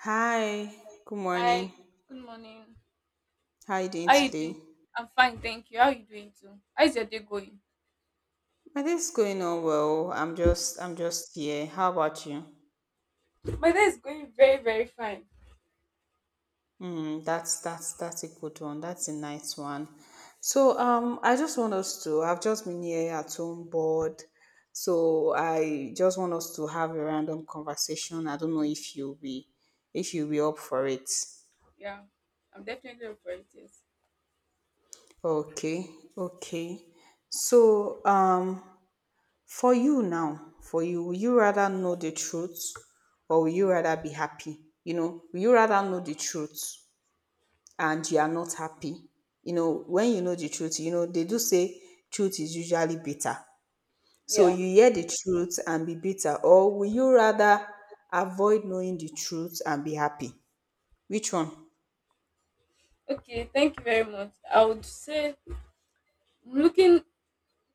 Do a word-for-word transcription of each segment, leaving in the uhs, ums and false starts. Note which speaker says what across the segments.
Speaker 1: Hi, good
Speaker 2: Hi,
Speaker 1: morning.
Speaker 2: good morning.
Speaker 1: How are you doing
Speaker 2: How you
Speaker 1: today?
Speaker 2: doing? I'm fine, thank you. How you doing too? How's your day going?
Speaker 1: My day's going on well. I'm just I'm just here. How about you?
Speaker 2: My day is going very, very fine.
Speaker 1: Mm, that's that's that's a good one. That's a nice one. So um I just want us to I've just been here at home bored. So I just want us to have a random conversation. I don't know if you'll be if you'll be up for it.
Speaker 2: Yeah, I'm definitely up for it. Yes.
Speaker 1: Okay, okay. So um For you now, for you, would you rather know the truth or would you rather be happy? You know, would you rather know the truth and you are not happy? You know, when you know the truth, you know, they do say truth is usually bitter. So
Speaker 2: Yeah.
Speaker 1: you hear the truth and be bitter, or would you rather avoid knowing the truth and be happy? Which one?
Speaker 2: Okay, thank you very much. I would say looking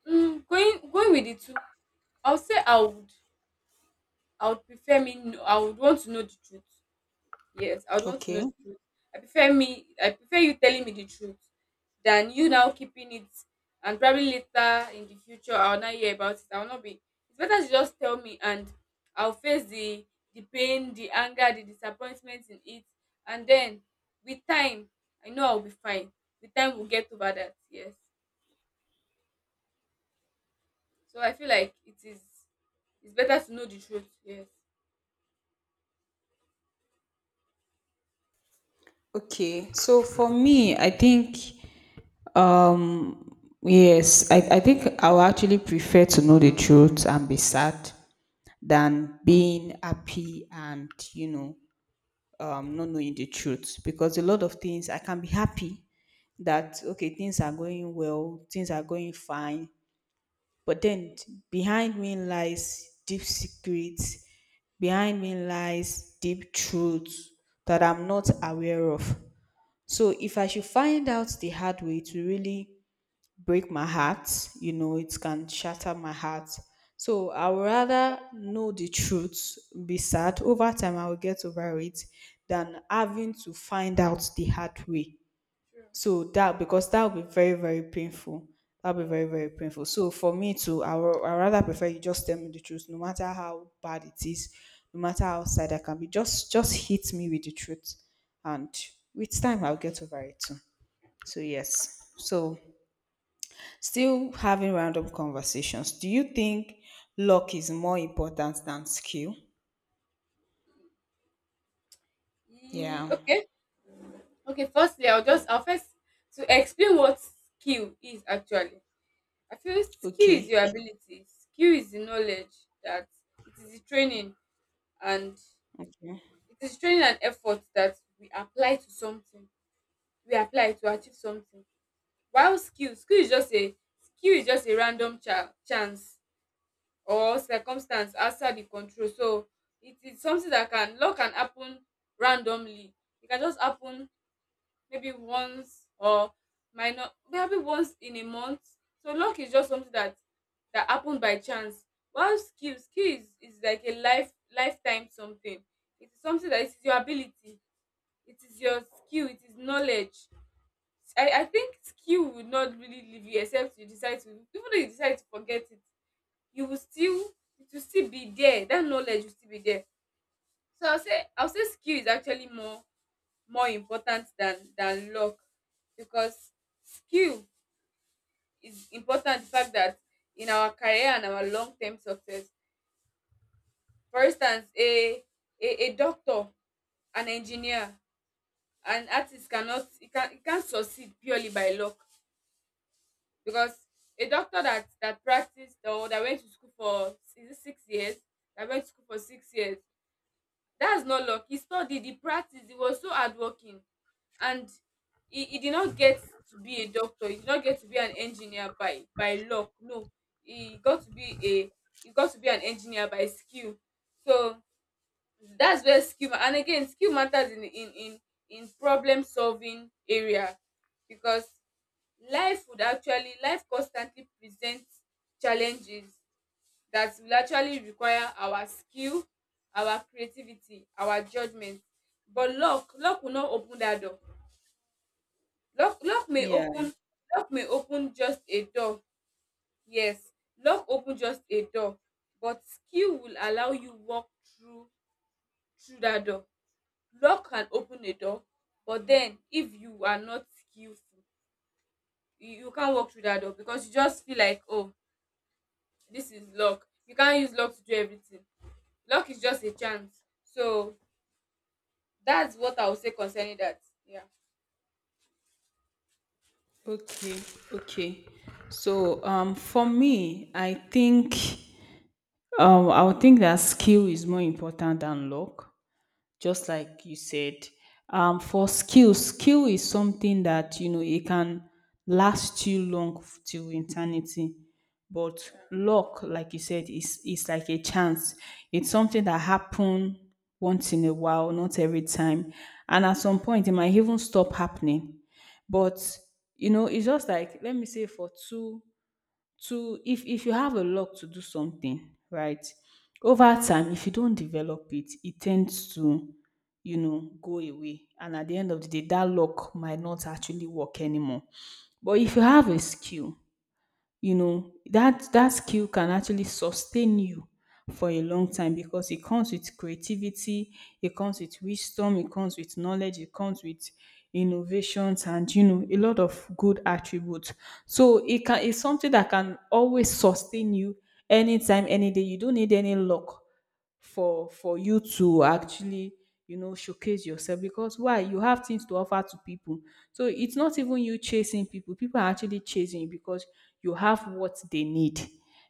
Speaker 2: mm, going going with the two. I would say I would I would prefer me know, I would want to know the truth. Yes, I would want to know
Speaker 1: Okay.
Speaker 2: the truth. I prefer me I prefer you telling me the truth than you now keeping it, and probably later in the future I'll not hear about it. I'll not be It's better to just tell me, and I'll face the the pain, the anger, the disappointment in it, and then with time I know I'll be fine. With time we'll get over that, yes. So I feel like it is it's better to know the truth, yes.
Speaker 1: Okay. So for me, I think Um, yes, I, I think I would actually prefer to know the truth and be sad than being happy and, you know, um, not knowing the truth. Because a lot of things I can be happy that, okay, things are going well, things are going fine. But then behind me lies deep secrets, behind me lies deep truths that I'm not aware of. So if I should find out the hard way to really break my heart, you know, it can shatter my heart. So I would rather know the truth, be sad. Over time, I will get over it than having to find out the hard way.
Speaker 2: True.
Speaker 1: So that, because that will be very, very painful. That will be
Speaker 2: Yeah.
Speaker 1: very, very painful. So for me too, I would I rather prefer you just tell me the truth, no matter how bad it is, no matter how sad I can be. Just, just hit me with the truth. And with time, I'll get over it too. So yes. So still having random conversations. Do you think luck is more important than skill?
Speaker 2: Ye-
Speaker 1: Yeah.
Speaker 2: Okay. Okay, firstly, I'll just I'll first to explain what skill is actually. I feel skill is
Speaker 1: Okay.
Speaker 2: your ability. Skill is the knowledge that it is the training, and
Speaker 1: Okay.
Speaker 2: it is training and effort that we apply to something. We apply to achieve something. While skill, skill is just a skill is just a random cha- chance or circumstance outside the control. So it is something that can luck can happen randomly. It can just happen maybe once, or might not maybe once in a month. So luck is just something that that happened by chance. While skill, skill is, is like a life lifetime something. It is something that it is your ability, it is your skill, it is knowledge. I, I think skill will not really leave you. Except you decide to, even though you decide to forget it, you will still it will still be there. That knowledge will still be there. So I'll say I'll say skill is actually more more important than than luck, because skill is important the fact that in our career and our long term success, for instance a, a a doctor, an engineer, an artist cannot it can it can't succeed purely by luck, because a doctor that that practiced, or that went to school for is it six years, that went to school for six years. That's not luck. He studied, he practiced, he was so hardworking, and he, he did not get to be a doctor, he did not get to be an engineer by by luck. No, he got to be a he got to be an engineer by skill. So that's where skill ma- and again skill matters in in in in problem solving area, because life would actually life constantly presents challenges that will actually require our skill, our creativity, our judgement. But luck luck will not open dat door. Luck luck may
Speaker 1: Yeah.
Speaker 2: open luck may open just a door, yes, luck open just a door, but skill will allow you walk through through dat door. Luck can open a door, but den if you are not skillful, you you can't walk through dat door because you just feel like, oh, dis is luck. You can't use luck to do everything. Luck is just a chance, so that's what I would say concerning that. Yeah.
Speaker 1: Okay. Okay. So um for me, I think um I would think that skill is more important than luck just like you said. Um, for skill, skill is something that you know it can last you long f- till eternity. But
Speaker 2: Yeah.
Speaker 1: luck, like you said, is is like a chance. It's something that happens once in a while, not every time. And at some point, it might even stop happening. But you know, it's just like let me say for two to if if you have a luck to do something right, over time if you don't develop it, it tends to, you know, go away, and at the end of the day that luck might not actually work anymore. But if you have a skill, you know that that skill can actually sustain you for a long time because it comes with creativity, it comes with wisdom, it comes with knowledge, it comes with innovations, and you know, a lot of good attributes. So it can, it's something that can always sustain you anytime any day. You don't need any luck for for you to actually, you know, showcase yourself, because why you have things to offer to people. So it's not even you chasing people, people are actually chasing you because you have what they need.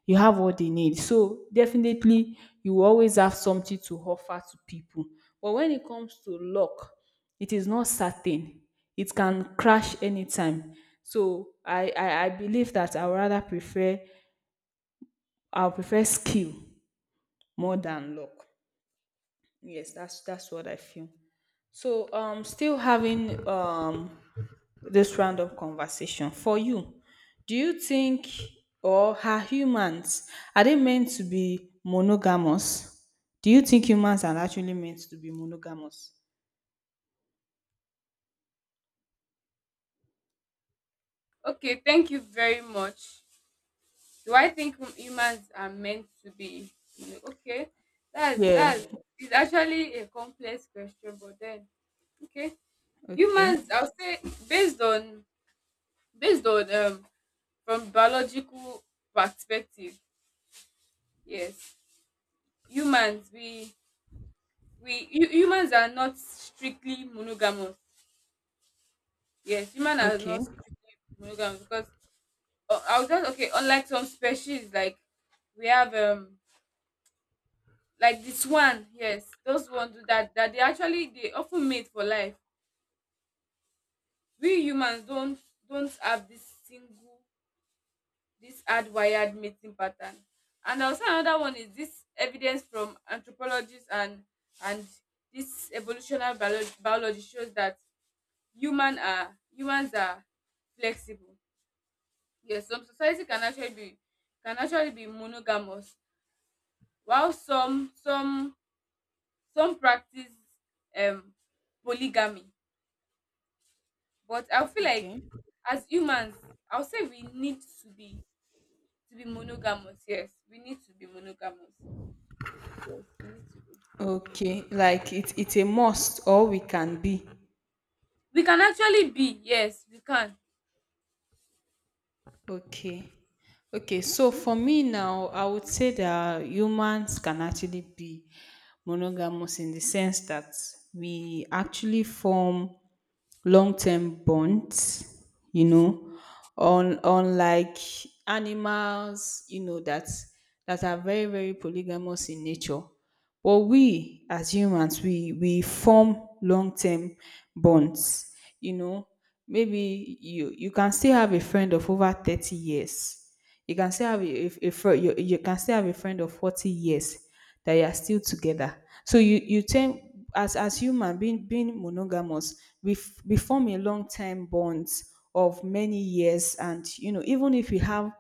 Speaker 1: You have what they need. So definitely you will always have something to offer to people. But when it comes to luck, it is not certain, it can crash anytime. So i i, I believe that I would rather prefer, I would prefer skill more than luck. Yes, that's that's what I feel. So, um, still having um this round of conversation for you, do you think, or are humans, are they meant to be monogamous? Do you think humans are actually meant to be monogamous?
Speaker 2: Okay. Thank you very much. Do I think hum- humans are meant to be? No. Okay. That's
Speaker 1: Yeah.
Speaker 2: that's it's actually a complex question, but then okay.
Speaker 1: Okay.
Speaker 2: Humans, I'll say based on based on um from biological perspective, yes. Humans we we hu- humans are not strictly monogamous. Yes, humans are
Speaker 1: Okay.
Speaker 2: not strictly monogamous because Uh, I was just okay. Unlike some species, like we have um like the swan, yes, those ones do that that they actually they often mate for life. We humans don't don't have this single this hardwired mating pattern. And also another one is this evidence from anthropologists and and this evolutionary biology, biology shows that human are humans are flexible. Yes, some society can actually be can actually be monogamous, while some some some practice um polygamy, but I feel like
Speaker 1: Okay.
Speaker 2: as humans, I'll say we need to be to be monogamous, yes, we need to be monogamous, yes, we need to be
Speaker 1: Okay. Like it, it's a must, or we can be.
Speaker 2: we can actually be, yes, we can.
Speaker 1: Okay. Okay. So for me now, I would say that humans can actually be monogamous in the sense that we actually form long-term bonds, you know, on unlike animals, you know, that that are very, very polygamous in nature. But we as humans, we we form long-term bonds, you know. Maybe you you can still have a friend of over thirty years. You can still have a, a, a friend. You, you can still have a friend of forty years that you are still together. So you you tend as as human being being monogamous, we f- we form a long time bonds of many years, and you know even if we have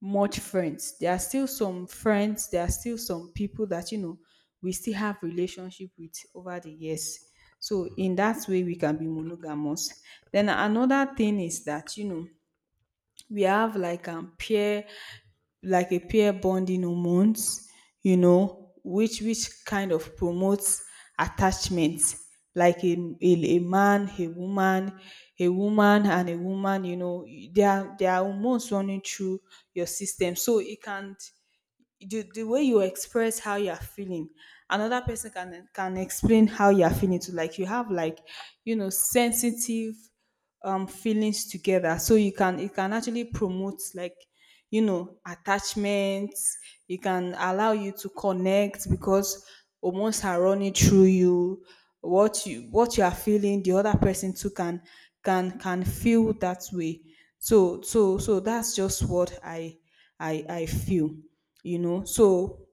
Speaker 1: much friends, there are still some friends, there are still some people that you know we still have relationship with over the years. So in that way, we can be monogamous. Then another thing is that you know we have like um peer, like a peer bonding hormones, you know, which which kind of promotes attachment. Like a, a, a man a woman, a woman and a woman, you know, there are there are hormones running through your system. So it can, the, the way you express how you're feeling, another person can can explain how you're feeling too. Like you have like, you know, sensitive um feelings together, so you can, it can actually promote like, you know, attachments. It can allow you to connect because hormones are running through you. What you, what you are feeling, the other person too can can can feel that way. So so so that's just what i I I feel, you know. So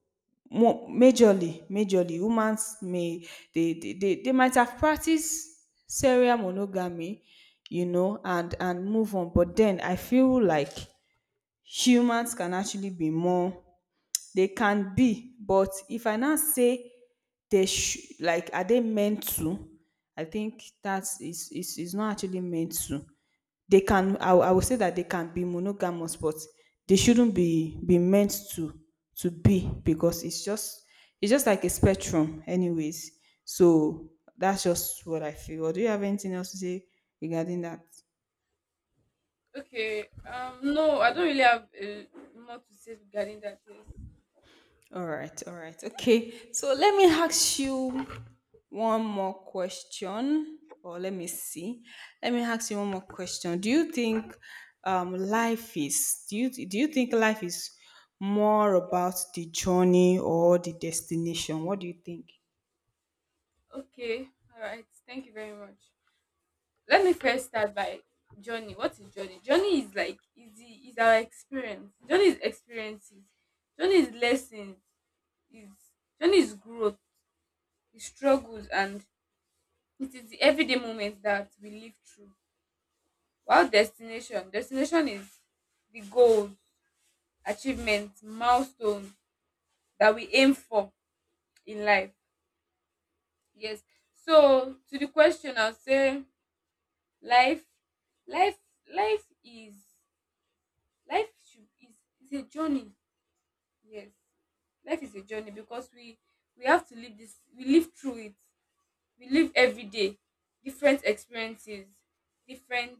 Speaker 1: mo- majorly, majorly, humans may they they, they, they might have practiced serial monogamy, you know, and and move on. But then I feel like humans can actually be more. They can be, but if I now say they sh- like are they meant to? I think that is is is not actually meant to. They can, I, will- I would say that they can be monogamous but they shouldn't be be meant to to be, because it's just, it's just like a spectrum anyways. So that's just what I feel, or do you have anything else to say regarding that?
Speaker 2: Okay, um no, I don't really have uh, more to say regarding that, yes.
Speaker 1: All right, all right, okay. So let me ask you one more question, or let me see. Let me ask you one more question. Do you think um, life is? Do you do you think life is more about the journey or the destination? What do you think?
Speaker 2: Okay, all right, thank you very much. Let me first start by journey. What is journey? Journey is like is the is our experience. Journey is experiences. Journey is lessons. Is Journey is growth. Is struggles, and it is the everyday moments that we live through. While destination, destination is the goals, achievements, milestones that we aim for in life. Yes. So to the question, I'll say life, life, life is life should, is is a journey. Yes. Life is a journey because we we have to live this we live through it. We live every day. Different experiences, different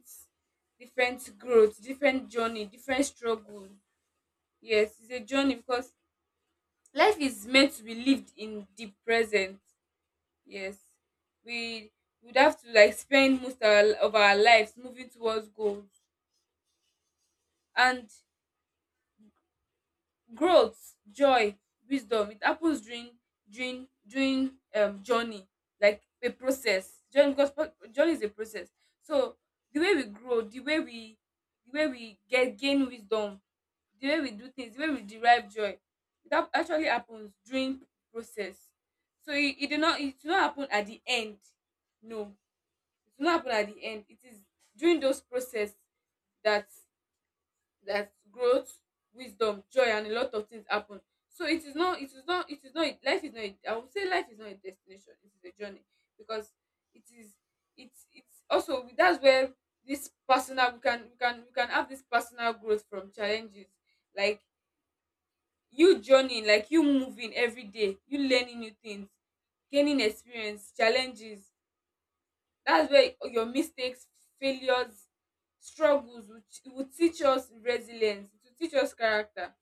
Speaker 2: different growth, different journey, different struggle. Yes, it's a journey because life is meant to be lived in the present. Yes. We would have to like spend most our, of our lives moving towards goals, and growth, joy, wisdom, it happens during during during um journey, like a process journey, because pro- journey is a process. So the way we grow, the way we the way we get gain wisdom, the way we do things, the way we derive joy, it hap- actually happens during process. So it, it do not it do not happen at the end. No, it do not happen at the end, it is during those process that like growth, wisdom, joy, and a lot of things happen. So it is not it is not it is not life is not a, I would say life is not a destination, it is a journey, because it is it's it's also that's where this personal we can we can we can have this personal growth from challenges, like you journeying, like you moving every day, you learning new things, gaining experience, challenges. That's where your mistakes, failures, struggles will, ch- will teach us resilience, to teach us character.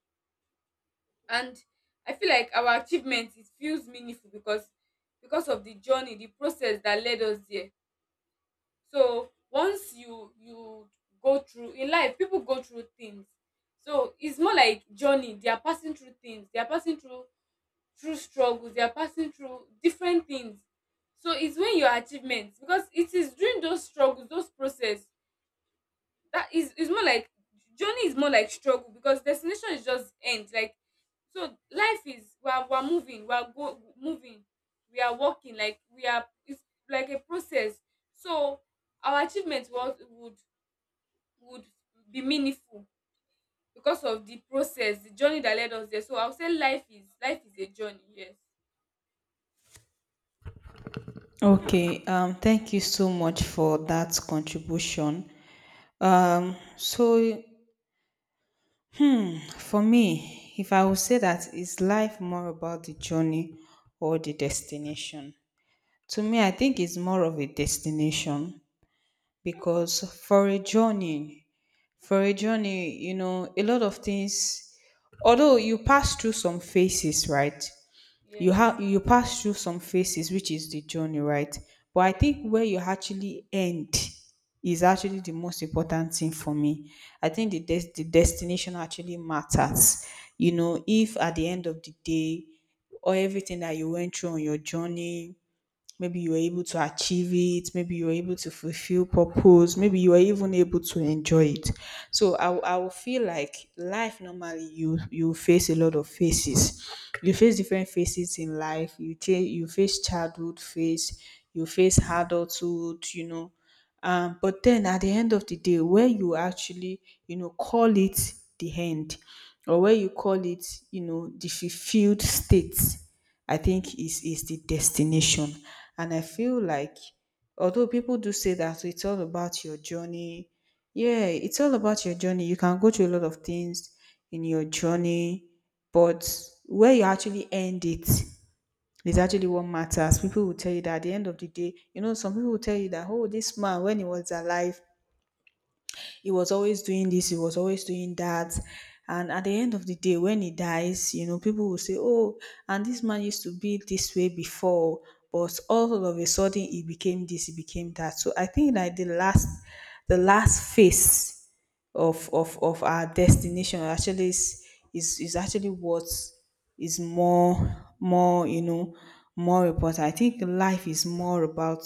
Speaker 2: And I feel like our achievement it feels meaningful, because because of the journey, the process, that led us there. So once you you go through in life, people go through things. So it's more like journey, they are passing through things, they are passing through through struggles, they are passing through different things. So it's when your achievements because it is during those struggles, those process, that is it's more like journey is more like struggle, because destination is just end like. So life is we are, we are moving, we are go moving, we are walking, like we are it's like a process. So our achievement was would would be meaningful because of the process, the journey, that led us there. So I'll say life is life is a journey, yes.
Speaker 1: Okay, um, thank you so much for that contribution. Um, so for me, if I would say that is life more about the journey or the destination? To me, I think it's more of a destination because for a journey, for a journey, you know, a lot of things, although you pass through some phases, right? You
Speaker 2: Yes.
Speaker 1: have you pass through some phases, which is the journey, right? But I
Speaker 2: Yes.
Speaker 1: think where you actually end is actually the most important thing for me. I think the des- the destination actually matters. You know, if at the end of the day, or everything that you went through on your journey, maybe you were able to achieve it. Maybe you were able to fulfill purpose. Maybe you were even able to enjoy it. So I, will- I will feel like life, normally you you face a lot of faces. You face different faces in life. You change. You face childhood phase. You face adulthood. You know. Um, but then at the end of the day, where you actually, you know, call it the end, or where you call it, you know, the fulfilled state, I think is is the destination. And I feel like although people do say that it's all about your journey, yeah, it's all about your journey. You can go through a lot of things in your journey, but where you actually end it is actually what matters. People will tell you that at the end of the day, you know, some people will tell you that, oh, this man, when he was alive, he was always doing this, he was always doing that. And at the end of the day, when he dies, you know, people will say, oh, and this man used to be this way before, but all of a sudden he became this, he became that. So I think like the last the last phase of of, of our destination actually is, is is actually what is more more, you know, more important. I think life is more about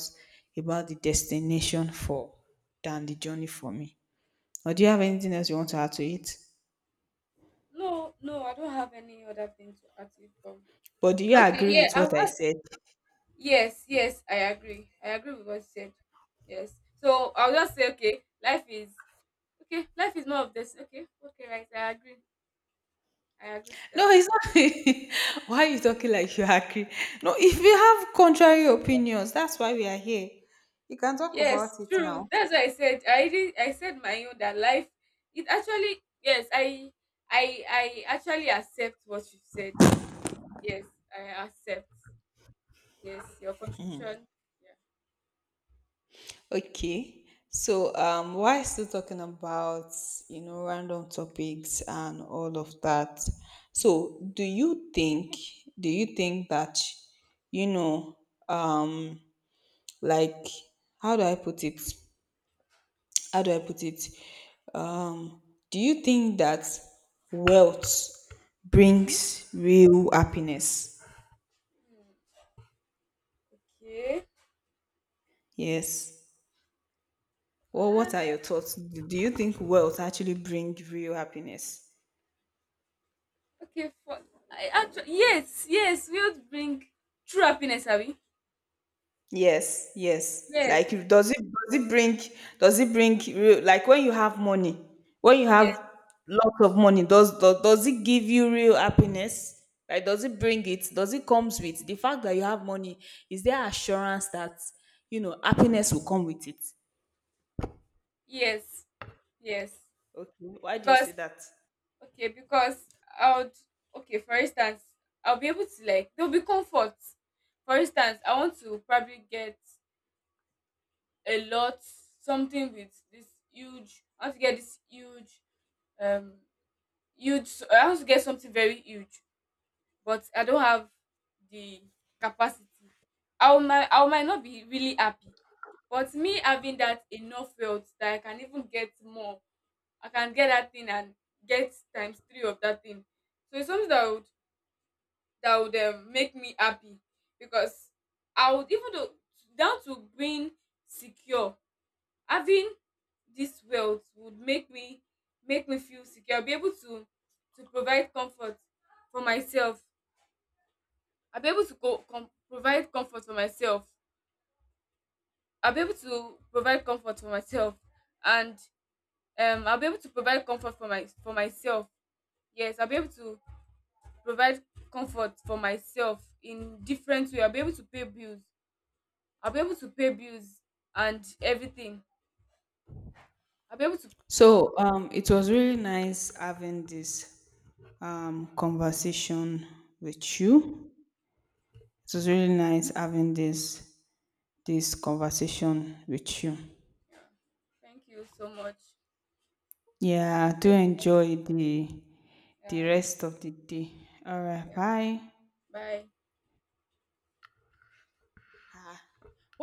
Speaker 1: about the destination for than the journey for me. Or do you have anything else you want to add to it?
Speaker 2: No, no, I don't have any other thing to add to it from.
Speaker 1: But do you
Speaker 2: Okay,
Speaker 1: agree
Speaker 2: yeah,
Speaker 1: with
Speaker 2: I've
Speaker 1: what I said?
Speaker 2: yes, yes, I agree. I agree with what you said. Yes. So I'll just say, okay, life is okay, life is more of this. Okay, okay, right. I agree. I agree to
Speaker 1: No,
Speaker 2: that.
Speaker 1: it's not. Why are you talking like you agree? No, if you have contrary opinions, that's why we are here. You can talk about
Speaker 2: Yes,
Speaker 1: it
Speaker 2: true.
Speaker 1: now.
Speaker 2: That's what I said. I did. I said my own that life. It actually yes. I I I actually accept what you said. Yes, I accept. Yes, your contribution. Yeah.
Speaker 1: Okay. So, um, why still talking about, you know, random topics and all of that? So, do you think, do you think that, you know, um like, how do I put it? How do I put it? Um, do you think that wealth brings real happiness?
Speaker 2: Hmm, okay.
Speaker 1: Yes. Well,
Speaker 2: Uh,
Speaker 1: what are your thoughts? Do do you think wealth actually brings real happiness?
Speaker 2: okay. For I actually yes, yes, we'll bring true happiness, Abby.
Speaker 1: Yes, yes.
Speaker 2: Yes.
Speaker 1: Like, if- does it does it bring, does it bring real, like, when you have money, when you
Speaker 2: Yes,
Speaker 1: have lots of money, does does, does it give you real happiness? Like does it bring it? Does it comes with the fact that you have money? Is there assurance that, you know, happiness will come with it?
Speaker 2: yes, yes.
Speaker 1: Okay. Why do you
Speaker 2: Because
Speaker 1: say that?
Speaker 2: okay, because I would okay, for instance, I'll be able to like there'll be comfort. For instance, I want to probably get a lot something with this huge I want to get this huge um huge I want to get something very huge, but I don't have the capacity. I will might I might not be really happy. But me having that enough wealth that I can even get more, I can get that thing, and get times three of that thing. So it's something that would that would um, make me happy, because I would, even though down to being secure, having this wealth would make me make me feel secure. I'll be able to to provide comfort for myself. I'll be able to go com- provide comfort for myself. I'll be able to provide comfort for myself, and um, I'll be able to provide comfort for my for myself. Yes, I'll be able to provide comfort for myself in different way. I'll be able to pay bills. I'll be able to pay bills and everything. I'll be able to.
Speaker 1: So um it was really nice having this um conversation with you. It was really nice having this this conversation with you.
Speaker 2: Yeah. Thank you so much.
Speaker 1: Yeah, I do
Speaker 2: Same.
Speaker 1: enjoy the
Speaker 2: Yeah.
Speaker 1: the
Speaker 2: And you-
Speaker 1: rest
Speaker 2: too.
Speaker 1: of the day. All right,
Speaker 2: Yeah.
Speaker 1: bye.
Speaker 2: Bye.
Speaker 1: Ah,